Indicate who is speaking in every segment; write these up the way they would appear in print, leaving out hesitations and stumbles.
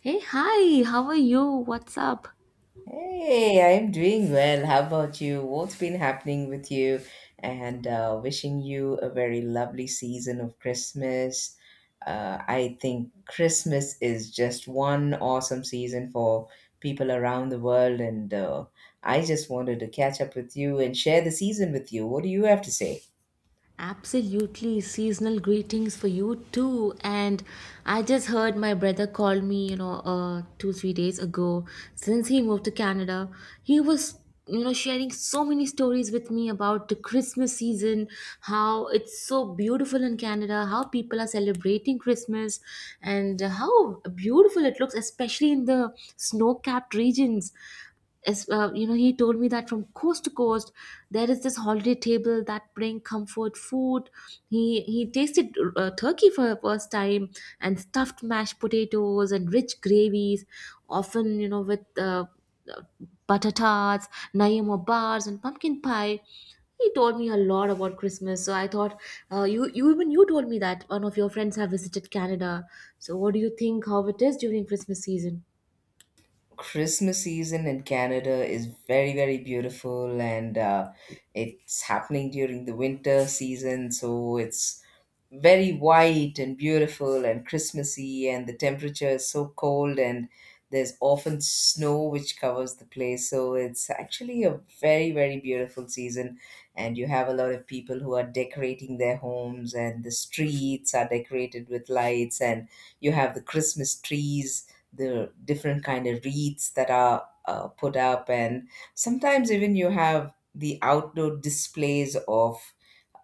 Speaker 1: Hey, hi, how are you? What's up?
Speaker 2: Hey, I'm doing well. How about you? What's been happening with you? And wishing you a very lovely season of Christmas. I think Christmas is just one awesome season for people around the world, and I just wanted to catch up with you and share the season with you. What do you have to say?
Speaker 1: Absolutely, seasonal greetings for you too. And I just heard my brother call me, you know, two, 3 days ago. Since he moved to Canada, he was, you know, sharing so many stories with me about the Christmas season, how it's so beautiful in Canada, how people are celebrating Christmas, and how beautiful it looks, especially in the snow capped regions. As well, you know, he told me that from coast to coast, there is this holiday table that bring comfort food. He tasted turkey for the first time and stuffed mashed potatoes and rich gravies, often you know with uh, butter tarts, Nayama bars, and pumpkin pie. He told me a lot about Christmas, so I thought you told me that one of your friends have visited Canada. So what do you think how it is during Christmas season?
Speaker 2: Christmas season in Canada is very, very beautiful, and it's happening during the winter season, so it's very white and beautiful and Christmassy, and the temperature is so cold, and there's often snow which covers the place. So it's actually a very, very beautiful season. And you have a lot of people who are decorating their homes, and the streets are decorated with lights, and you have the Christmas trees, the different kind of wreaths that are put up, and sometimes even you have the outdoor displays of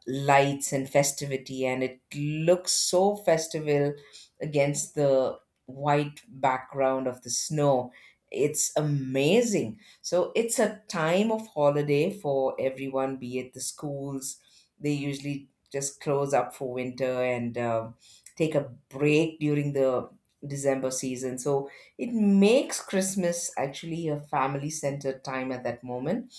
Speaker 2: lights and festivity, and it looks so festival against the white background of the snow. It's amazing. So it's a time of holiday for everyone, be it the schools. They usually just close up for winter and take a break during the December season. So it makes Christmas actually a family centered time at that moment.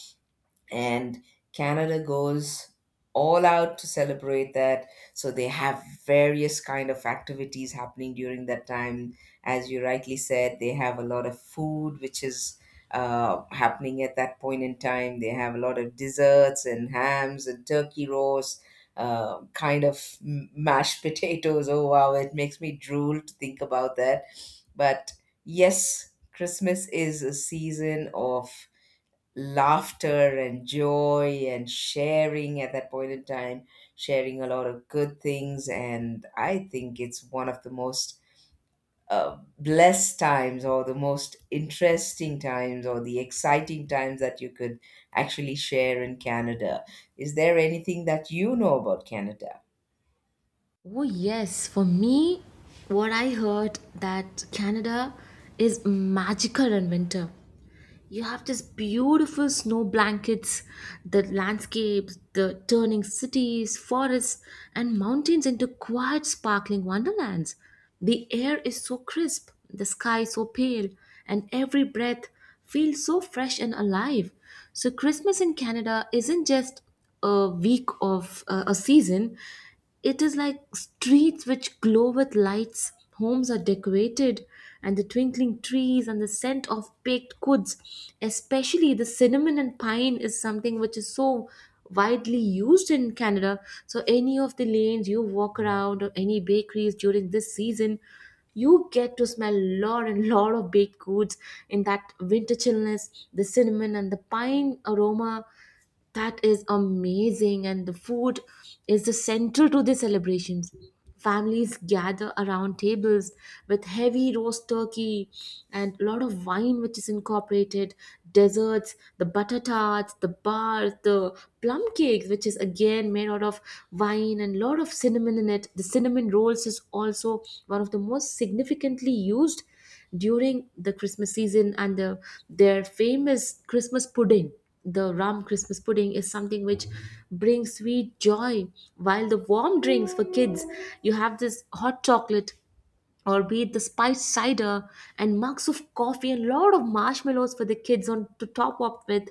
Speaker 2: And Canada goes all out to celebrate that. So they have various kind of activities happening during that time. As you rightly said, they have a lot of food which is happening at that point in time. They have a lot of desserts and hams and turkey roast, kind of mashed potatoes. Oh wow, it makes me drool to think about that. But yes, Christmas is a season of laughter and joy and sharing at that point in time, sharing a lot of good things. And I think it's one of the most blessed times or the most interesting times or the exciting times that you could actually share in Canada. Is there anything that you know about Canada?
Speaker 1: Oh yes, for me, what I heard that Canada is magical in winter. You have this beautiful snow blankets, the landscapes, the turning cities, forests, and mountains into quiet, sparkling wonderlands. The air is so crisp, the sky so pale, and every breath feels so fresh and alive. So, Christmas in Canada isn't just a week of a season, it is like streets which glow with lights, homes are decorated, and the twinkling trees and the scent of baked goods, especially the cinnamon and pine, is something which is so widely used in Canada. So, any of the lanes you walk around or any bakeries during this season, you get to smell lot and lot of baked goods in that winter chillness, the cinnamon and the pine aroma that is amazing, and the food is the central to the celebrations. Families gather around tables with heavy roast turkey and a lot of wine, which is incorporated, desserts, the butter tarts, the bars, the plum cakes, which is again made out of wine and lot of cinnamon in it. The cinnamon rolls is also one of the most significantly used during the Christmas season and their famous Christmas pudding. The rum Christmas pudding is something which brings sweet joy, while the warm drinks for kids, you have this hot chocolate or be it the spiced cider and mugs of coffee and a lot of marshmallows for the kids on to top up with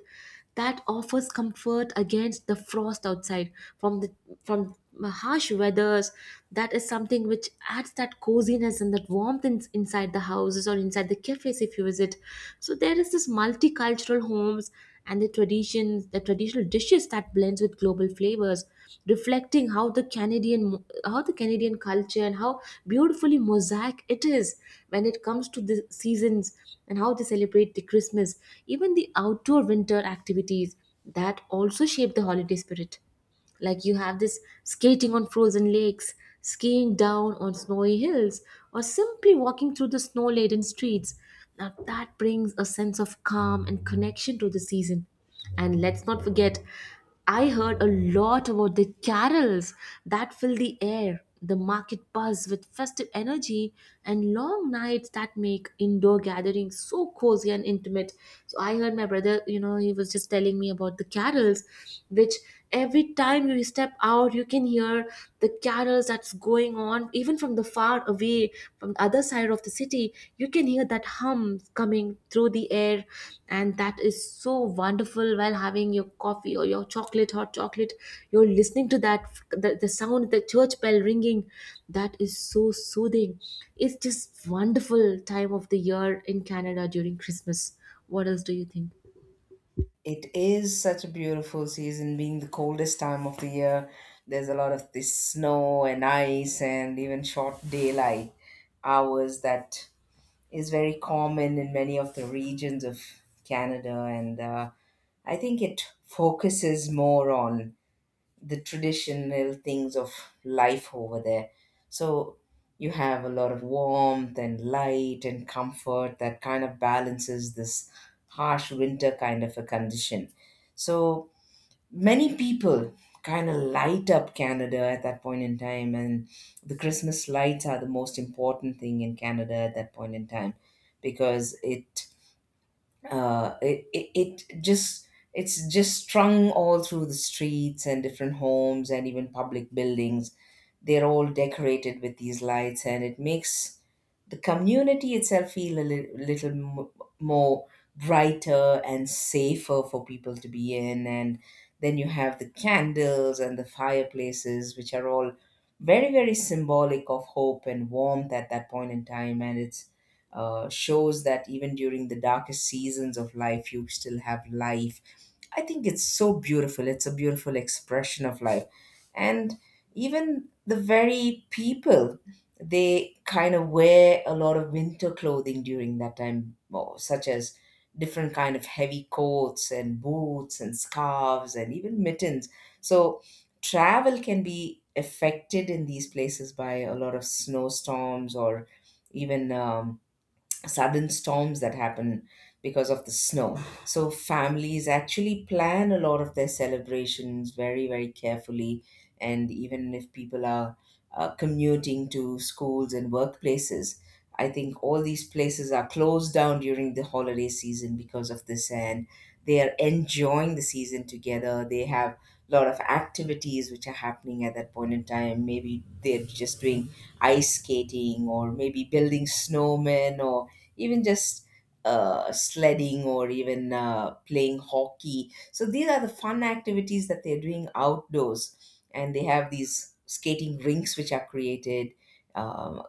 Speaker 1: that offers comfort against the frost outside from the from harsh weathers. That is something which adds that coziness and that warmth inside the houses or inside the cafes if you visit. So there is this multicultural homes and the traditions, the traditional dishes that blends with global flavors, reflecting how the Canadian culture and how beautifully mosaic it is when it comes to the seasons and how they celebrate the Christmas. Even the outdoor winter activities that also shape the holiday spirit, like you have this skating on frozen lakes, skiing down on snowy hills, or simply walking through the snow laden streets. Now that brings a sense of calm and connection to the season. And let's not forget, I heard a lot about the carols that fill the air, the market buzz with festive energy, and long nights that make indoor gatherings so cozy and intimate. So I heard my brother, you know, he was just telling me about the carols, which every time you step out you can hear the carols that's going on, even from the far away, from the other side of the city you can hear that hum coming through the air, and that is so wonderful while having your coffee or your chocolate, hot chocolate. You're listening to that, the sound, the church bell ringing, that is so soothing. It's just wonderful time of the year in Canada during Christmas. What else do you think?
Speaker 2: It is such a beautiful season, being the coldest time of the year. There's a lot of this snow and ice, and even short daylight hours that is very common in many of the regions of Canada, and I think it focuses more on the traditional things of life over there. So you have a lot of warmth and light and comfort that kind of balances this harsh winter kind of a condition. So many people kind of light up Canada at that point in time, and the Christmas lights are the most important thing in Canada at that point in time, because it it just it's just strung all through the streets and different homes and even public buildings. They're all decorated with these lights, and it makes the community itself feel a little more brighter and safer for people to be in. And then you have the candles and the fireplaces, which are all very, very symbolic of hope and warmth at that point in time, and it's shows that even during the darkest seasons of life, you still have life. I think it's so beautiful. It's a beautiful expression of life. And even the very people, they kind of wear a lot of winter clothing during that time, or such as different kind of heavy coats and boots and scarves and even mittens. So travel can be affected in these places by a lot of snowstorms or even sudden storms that happen because of the snow. So families actually plan a lot of their celebrations very, very carefully. And even if people are commuting to schools and workplaces, I think all these places are closed down during the holiday season because of this, and they are enjoying the season together. They have a lot of activities which are happening at that point in time. Maybe they're just doing ice skating, or maybe building snowmen, or even just sledding or even playing hockey. So these are the fun activities that they're doing outdoors, and they have these skating rinks which are created um,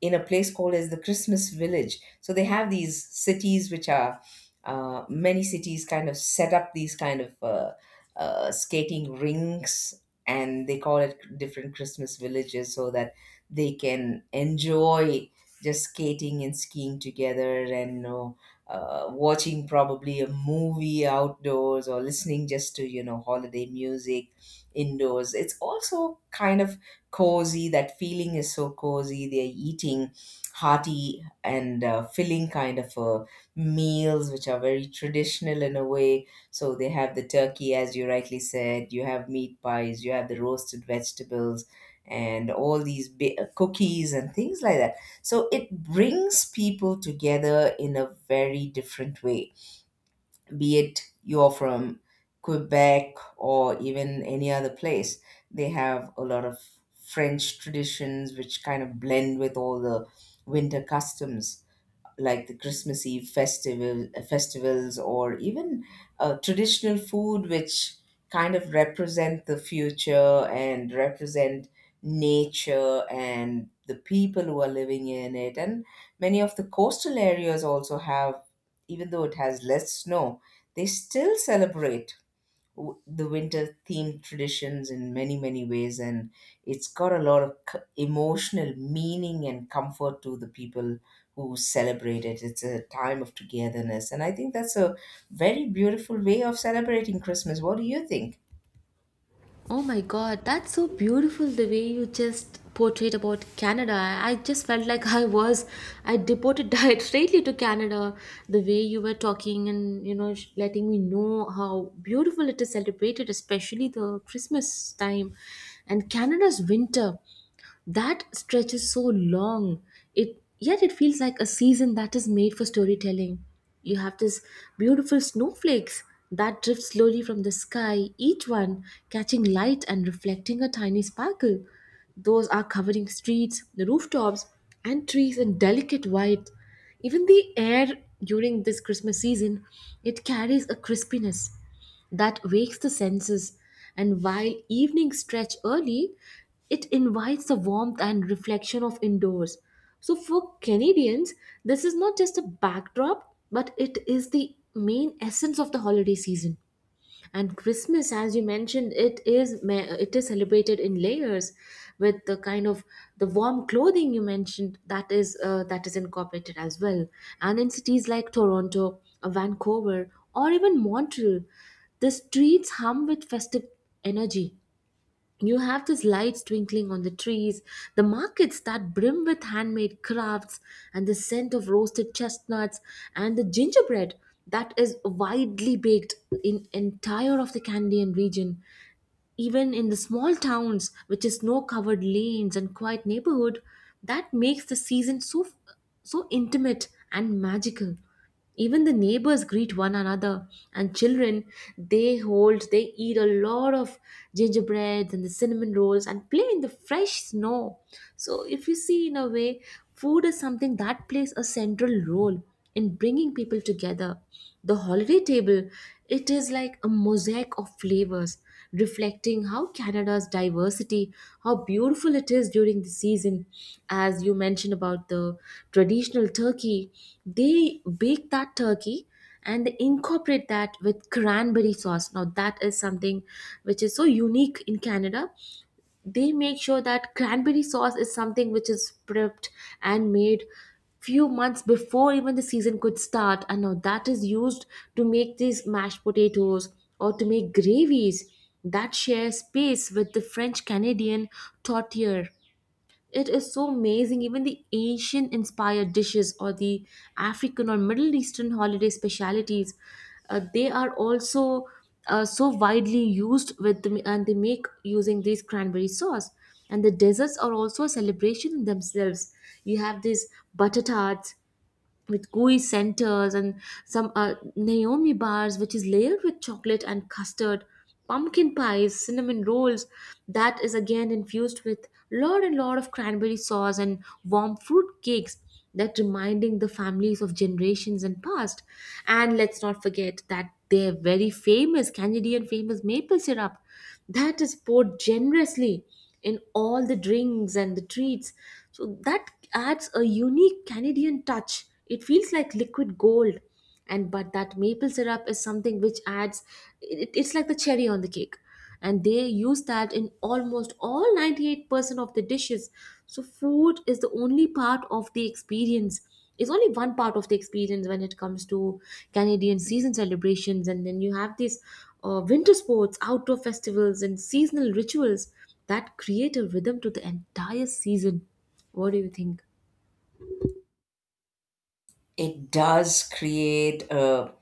Speaker 2: in a place called as the Christmas Village. So they have these cities which are many cities kind of set up these kind of skating rinks, and they call it different Christmas villages so that they can enjoy just skating and skiing together, and watching probably a movie outdoors or listening just to holiday music indoors. It's also kind of cozy. That feeling is so cozy. They're eating hearty and filling kind of meals which are very traditional in a way. So they have the turkey, as you rightly said. You have meat pies, you have the roasted vegetables and all these cookies and things like that. So it brings people together in a very different way, be it you're from Quebec or even any other place. They have a lot of French traditions which kind of blend with all the winter customs, like the Christmas Eve festivals, or even traditional food which kind of represent the future and represent nature and the people who are living in it. And many of the coastal areas also have, even though it has less snow, they still celebrate the winter themed traditions in many, many ways, and it's got a lot of emotional meaning and comfort to the people who celebrate it. It's a time of togetherness, and I think that's a very beautiful way of celebrating Christmas. What do you think?
Speaker 1: Oh my god, that's so beautiful the way you just portrayed about Canada. I just felt like I was, I deported directly to Canada. The way you were talking and, you know, letting me know how beautiful it is celebrated, especially the Christmas time and Canada's winter. That stretch is so long. It yet it feels like a season that is made for storytelling. You have this beautiful snowflakes that drift slowly from the sky, each one catching light and reflecting a tiny sparkle. Those are covering streets, the rooftops, and trees in delicate white. Even the air during this Christmas season, it carries a crispiness that wakes the senses, and while evenings stretch early, it invites the warmth and reflection of indoors. So, for Canadians, this is not just a backdrop, but it is the main essence of the holiday season. And Christmas, as you mentioned, it is celebrated in layers, with the kind of the warm clothing you mentioned, that is incorporated as well. And in cities like Toronto, Vancouver, or even Montreal, the streets hum with festive energy. You have these lights twinkling on the trees, the markets that brim with handmade crafts, and the scent of roasted chestnuts and the gingerbread that is widely baked in entire of the Candian region. Even in the small towns with its snow-covered lanes and quiet neighborhood, that makes the season so intimate and magical. Even the neighbors greet one another, and children they eat a lot of gingerbreads and the cinnamon rolls and play in the fresh snow. So if you see in a way, food is something that plays a central role and bringing people together. The holiday table, it is like a mosaic of flavors, reflecting how Canada's diversity, how beautiful it is during the season. As you mentioned about the traditional turkey, they bake that turkey and they incorporate that with cranberry sauce. Now, that is something which is so unique in Canada. They make sure that cranberry sauce is something which is prepped and made few months before even the season could start, and now that is used to make these mashed potatoes or to make gravies that share space with the french canadian tortilla. It is so amazing. Even the Asian inspired dishes or the African or Middle Eastern holiday specialities, they are also so widely used with them, and they make using these cranberry sauce. And the desserts are also a celebration in themselves. You have these butter tarts, with gooey centers, and some Naomi bars, which is layered with chocolate and custard, pumpkin pies, cinnamon rolls. That is again infused with lot and lot of cranberry sauce and warm fruit cakes. That reminding the families of generations and past. And let's not forget that their very famous Canadian famous maple syrup that is poured generously in all the drinks and the treats. So that adds a unique Canadian touch. It feels like liquid gold. And but that maple syrup is something which adds it's like the cherry on the cake. And they use that in almost all 98% of the dishes. So food is the only part of the experience is only one part of the experience when it comes to Canadian season celebrations. And then you have these winter sports, outdoor festivals, and seasonal rituals that create a rhythm to the entire season. What do you think?
Speaker 2: It does create a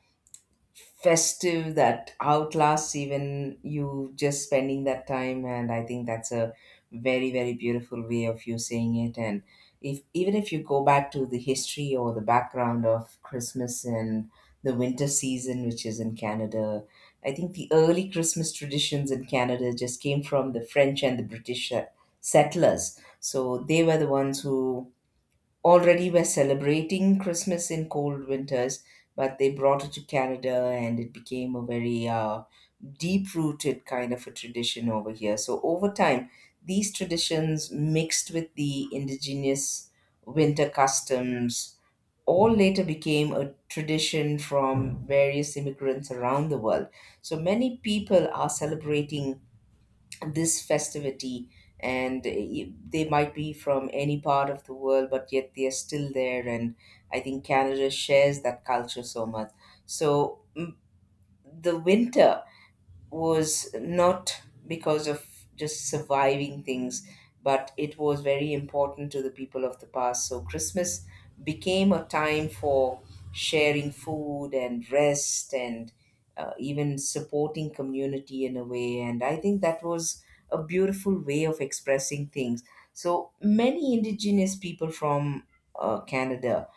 Speaker 2: festive that outlasts even you just spending that time, and I think that's a very, very beautiful way of you saying it. And if, even if you go back to the history or the background of Christmas and the winter season which is in Canada, I think the early Christmas traditions in Canada just came from the French and the British settlers. So they were the ones who already were celebrating Christmas in cold winters, but they brought it to Canada and it became a very deep rooted kind of a tradition over here. So over time, these traditions mixed with the indigenous winter customs, all later became a tradition from various immigrants around the world. So many people are celebrating this festivity, and they might be from any part of the world, but yet they are still there. And I think Canada shares that culture so much. So the winter was not because of just surviving things, but it was very important to the people of the past. So Christmas became a time for sharing food and rest and even supporting community in a way. And I think that was a beautiful way of expressing things. So many indigenous people from Canada,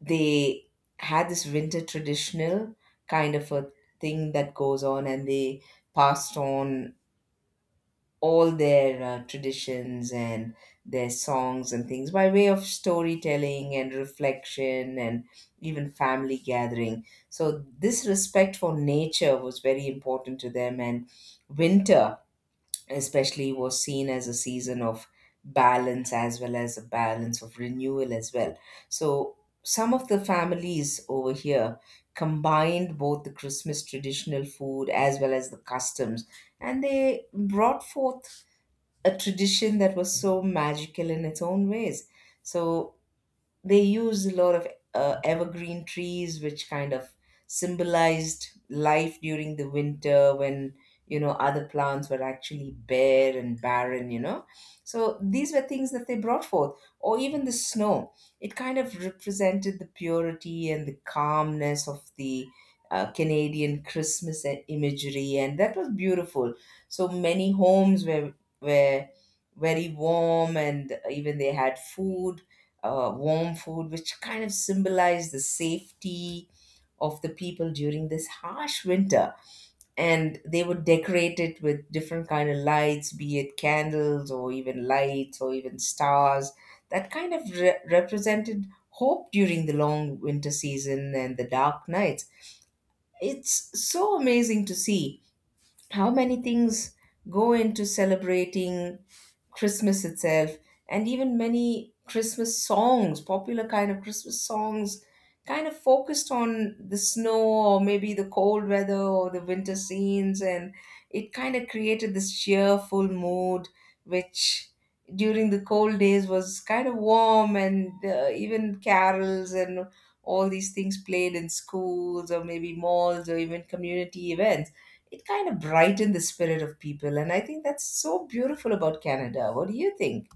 Speaker 2: they had this winter traditional kind of a thing that goes on, and they passed on all their traditions and their songs and things by way of storytelling and reflection and even family gathering. So this respect for nature was very important to them, and winter especially was seen as a season of balance, as well as a balance of renewal as well. So some of the families over here combined both the Christmas traditional food as well as the customs, and they brought forth a tradition that was so magical in its own ways. So they used a lot of evergreen trees which kind of symbolized life during the winter, when you know other plants were actually bare and barren, you know. So these were things that they brought forth, or even the snow. It kind of represented the purity and the calmness of the Canadian Christmas imagery, and that was beautiful. So many homes were very warm, and even they had food, warm food, which kind of symbolized the safety of the people during this harsh winter. And they would decorate it with different kind of lights, be it candles or even lights or even stars. That kind of represented hope during the long winter season and the dark nights. It's so amazing to see how many things go into celebrating Christmas itself. And even many Christmas songs, popular kind of Christmas songs, kind of focused on the snow or maybe the cold weather or the winter scenes, and it kind of created this cheerful mood, which during the cold days was kind of warm. And even carols and all these things played in schools or maybe malls or even community events, it kind of brightened the spirit of people. And I think that's so beautiful about Canada. What do you think?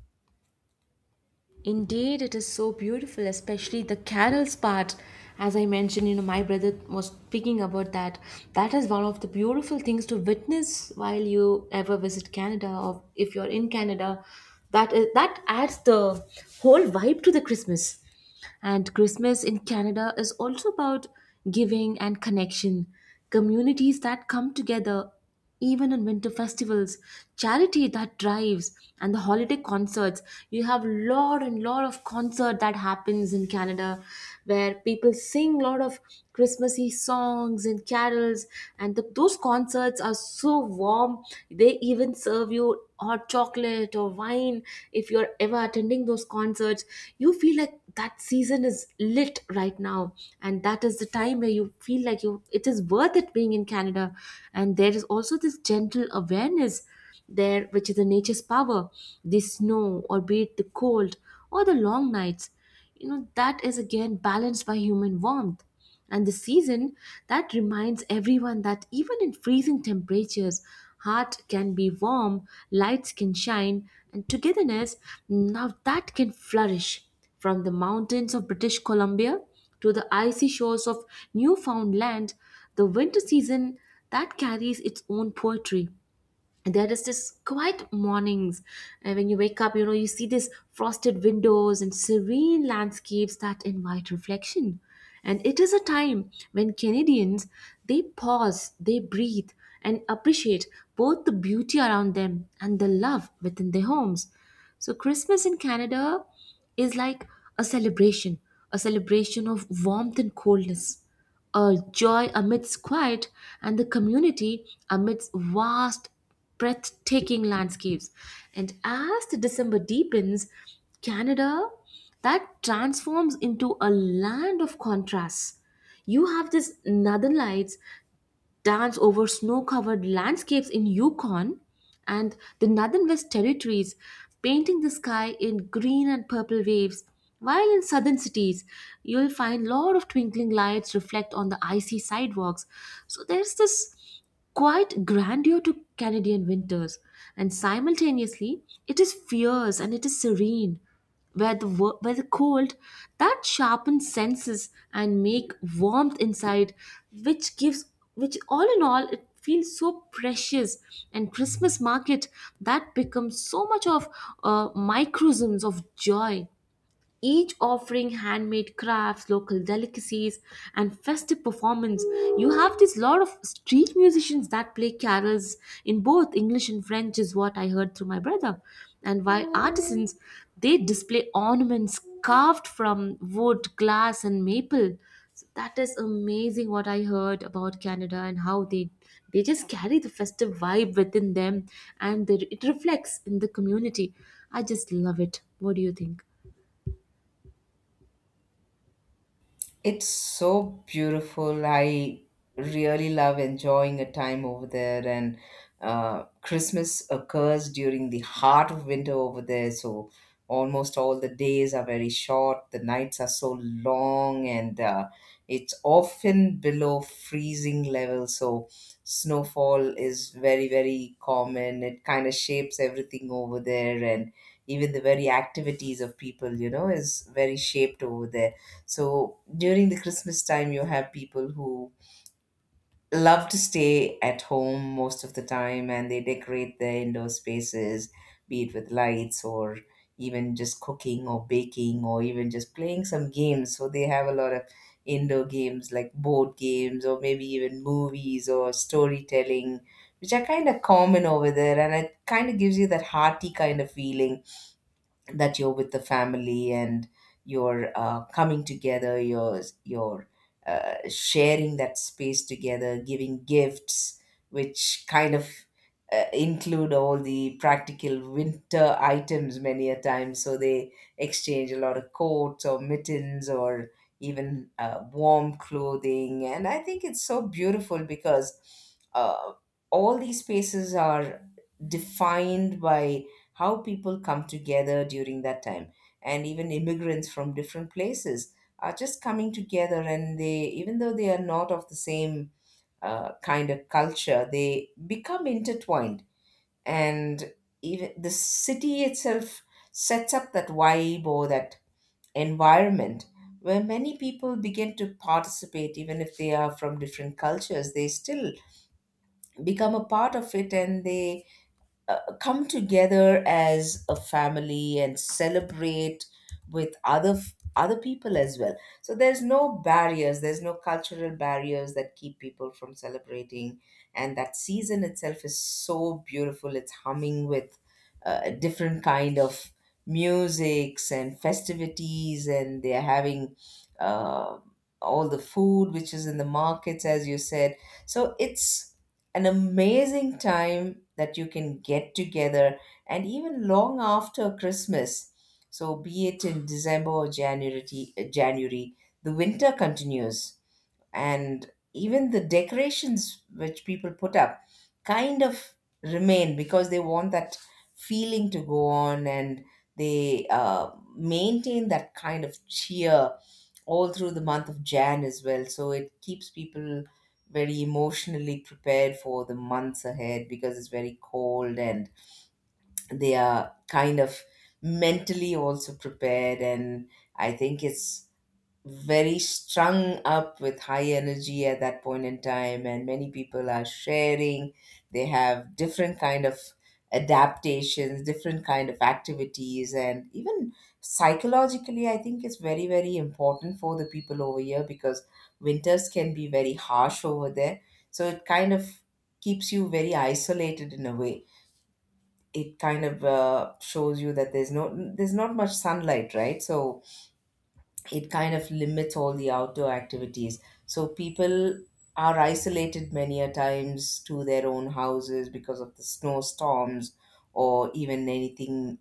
Speaker 1: Indeed, it is so beautiful, especially the carols part. As I mentioned, you know, my brother was speaking about that. That is one of the beautiful things to witness while you ever visit Canada, or if you're in Canada. That is that adds the whole vibe to the Christmas. And Christmas in Canada is also about giving and connection. Communities that come together, even on winter festivals, charity that drives, and the holiday concerts. You have lot and lot of concert that happens in Canada, where people sing a lot of Christmassy songs and carols, and those concerts are so warm. They even serve you hot chocolate or wine if you're ever attending those concerts. You feel like that season is lit right now, and that is the time where you feel like you it is worth it being in Canada. And there is also this gentle awareness there, which is the nature's power, the snow, or be it the cold or the long nights, that is again balanced by human warmth and the season that reminds everyone that even in freezing temperatures, heart can be warm, lights can shine, and togetherness now that can flourish from the mountains of British Columbia to the icy shores of Newfoundland. The winter season that carries its own poetry. There is this quiet mornings, and when you wake up, you see these frosted windows and serene landscapes that invite reflection. And it is a time when Canadians, they pause, they breathe, and appreciate both the beauty around them and the love within their homes. So Christmas in Canada is like a celebration, a celebration of warmth and coldness, a joy amidst quiet, and the community amidst vast, breathtaking landscapes. And as the December deepens, Canada that transforms into a land of contrasts. You have this northern lights dance over snow covered landscapes in Yukon and the Northern West Territories, painting the sky in green and purple waves. While in southern cities, you'll find a lot of twinkling lights reflect on the icy sidewalks. So there's this quite grandeur to Canadian winters, and simultaneously it is fierce and it is serene. Where the cold that sharpens senses and make warmth inside, which gives, which all in all it feels so precious. And Christmas market that becomes so much of microcosms of joy, each offering handmade crafts, local delicacies, and festive performance. You have this lot of street musicians that play carols in both English and French, is what I heard through my brother. And while artisans, they display ornaments carved from wood, glass, and maple. So that is amazing what I heard about Canada and how they just carry the festive vibe within them and it reflects in the community. I just love it. What do you think?
Speaker 2: It's so beautiful. I really love enjoying a time over there. And Christmas occurs during the heart of winter over there. So almost all the days are very short, the nights are so long, and it's often below freezing level. So snowfall is very, very common. It kind of shapes everything over there, and even the very activities of people, you know, is very shaped over there. So during the Christmas time, you have people who love to stay at home most of the time, and they decorate their indoor spaces, be it with lights or even just cooking or baking or even just playing some games. So they have a lot of indoor games like board games or maybe even movies or storytelling, which are kind of common over there. And it kind of gives you that hearty kind of feeling that you're with the family, and you're coming together, you're sharing that space together, giving gifts which kind of include all the practical winter items many a time. So they exchange a lot of coats or mittens or even warm clothing, and I think it's so beautiful because uh, all these spaces are defined by how people come together during that time. And even immigrants from different places are just coming together, and they, even though they are not of the same kind of culture, they become intertwined. And even the city itself sets up that vibe or that environment where many people begin to participate. Even if they are from different cultures, they still become a part of it, and they come together as a family and celebrate with other people as well. So there's no barriers, there's no cultural barriers that keep people from celebrating. And that season itself is so beautiful. It's humming with different kind of musics and festivities, and they're having uh, all the food which is in the markets, as you said. So it's an amazing time that you can get together, and even long after Christmas. So, be it in December or January, January, the winter continues. And even the decorations which people put up kind of remain because they want that feeling to go on, and they maintain that kind of cheer all through the month of Jan as well. So it keeps people very emotionally prepared for the months ahead because it's very cold, and they are kind of mentally also prepared. And I think it's very strung up with high energy at that point in time, and many people are sharing. They have different kind of adaptations, different kind of activities, and even psychologically, I think it's very, very important for the people over here because winters can be very harsh over there. So it kind of keeps you very isolated in a way. It kind of shows you that there's no, there's not much sunlight, right? So it kind of limits all the outdoor activities. So people are isolated many a times to their own houses because of the snowstorms or even anything,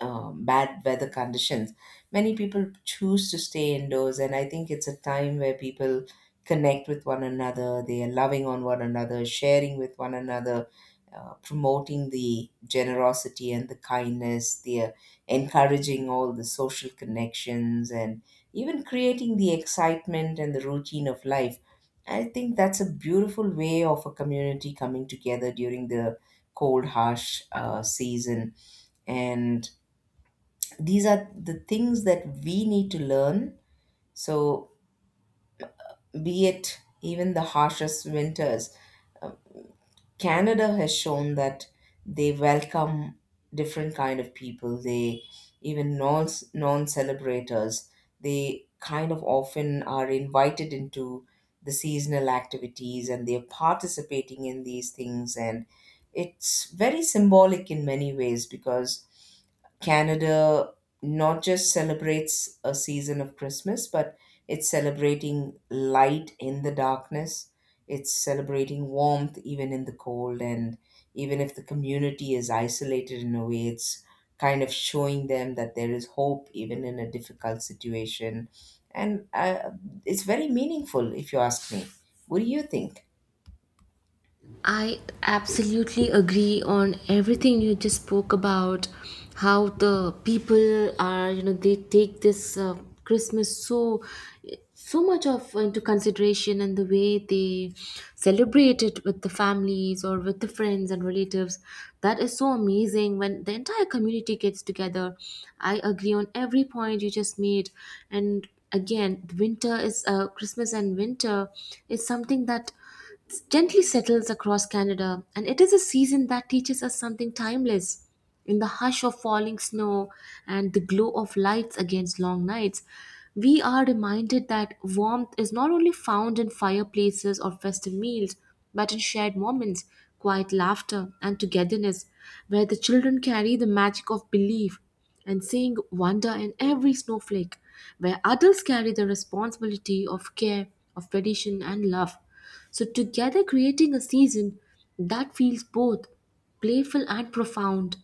Speaker 2: bad weather conditions. Many people choose to stay indoors, and I think it's a time where people connect with one another. They are loving on one another, sharing with one another. Promoting the generosity and the kindness, they are encouraging all the social connections and even creating the excitement and the routine of life. I think that's a beautiful way of a community coming together during the cold, harsh season. And these are the things that we need to learn. So, be it even the harshest winters, Canada has shown that they welcome different kind of people. They, even non celebrators, they kind of often are invited into the seasonal activities, and they're participating in these things. And it's very symbolic in many ways because Canada not just celebrates a season of Christmas, but it's celebrating light in the darkness. It's celebrating warmth even in the cold. And even if the community is isolated in a way, it's kind of showing them that there is hope even in a difficult situation. And it's very meaningful, if you ask me. What do you think?
Speaker 1: I absolutely agree on everything you just spoke about, how the people are, they take this Christmas so so much of into consideration, and the way they celebrate it with the families or with the friends and relatives, that is so amazing when the entire community gets together. I agree on every point you just made. And again, winter is, Christmas and winter is something that gently settles across Canada, and it is a season that teaches us something timeless. In the hush of falling snow and the glow of lights against long nights, we are reminded that warmth is not only found in fireplaces or festive meals, but in shared moments, quiet laughter, and togetherness, where the children carry the magic of belief and seeing wonder in every snowflake, where adults carry the responsibility of care, of tradition, and love. So, together creating a season that feels both playful and profound.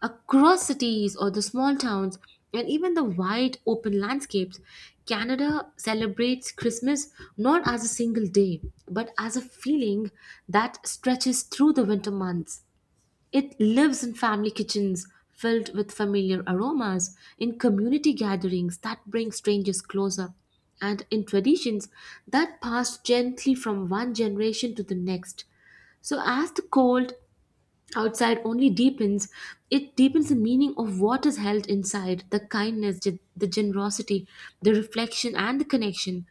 Speaker 1: Across cities or the small towns, and even the wide open landscapes, Canada celebrates Christmas not as a single day, but as a feeling that stretches through the winter months. It lives in family kitchens filled with familiar aromas, in community gatherings that bring strangers closer, and in traditions that pass gently from one generation to the next. So, as the cold outside only deepens, it deepens the meaning of what is held inside, the kindness, the generosity, the reflection, and the connection.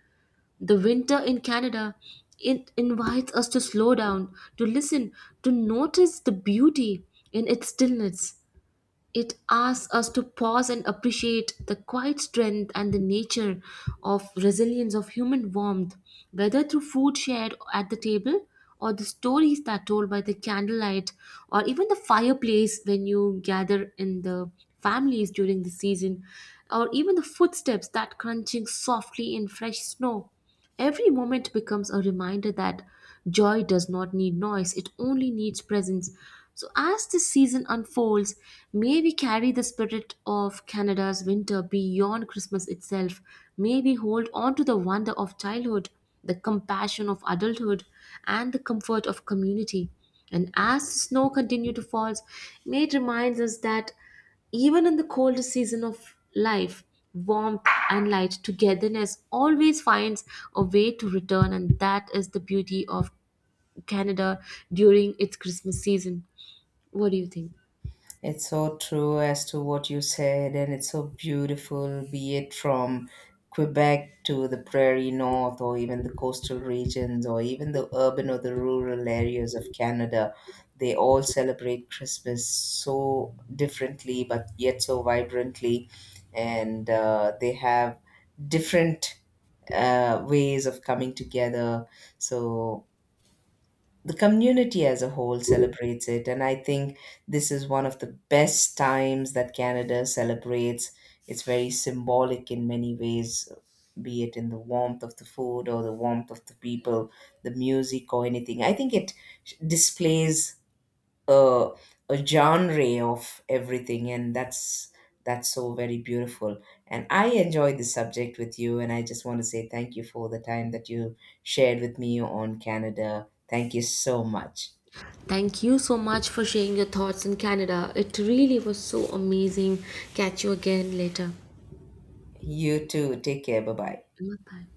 Speaker 1: The winter in Canada, it invites us to slow down, to listen, to notice the beauty in its stillness. It asks us to pause and appreciate the quiet strength and the nature of resilience of human warmth, whether through food shared at the table or the stories that are told by the candlelight or even the fireplace when you gather in the families during the season or even the footsteps that crunching softly in fresh snow. Every moment becomes a reminder that joy does not need noise, it only needs presence. So, as this season unfolds, may we carry the spirit of Canada's winter beyond Christmas itself. May we hold on to the wonder of childhood, the compassion of adulthood, and the comfort of community. And as snow continues to fall, may it remind us that even in the coldest season of life, warmth and light, togetherness always finds a way to return, and that is the beauty of Canada during its Christmas season. What do you think?
Speaker 2: It's so true as to what you said, and it's so beautiful, be it from Quebec to the prairie north, or even the coastal regions, or even the urban or the rural areas of Canada. They all celebrate Christmas so differently, but yet so vibrantly, and they have different ways of coming together. So the community as a whole celebrates it, and I think this is one of the best times that Canada celebrates. It's very symbolic in many ways, be it in the warmth of the food or the warmth of the people, the music or anything. I think it displays a, a genre of everything, and that's so very beautiful. And I enjoyed this subject with you, and I just want to say thank you for the time that you shared with me on Canada. Thank you so much.
Speaker 1: Thank you so much for sharing your thoughts on Canada. It really was so amazing. Catch you again later.
Speaker 2: You too, take care. Bye bye
Speaker 1: Bye.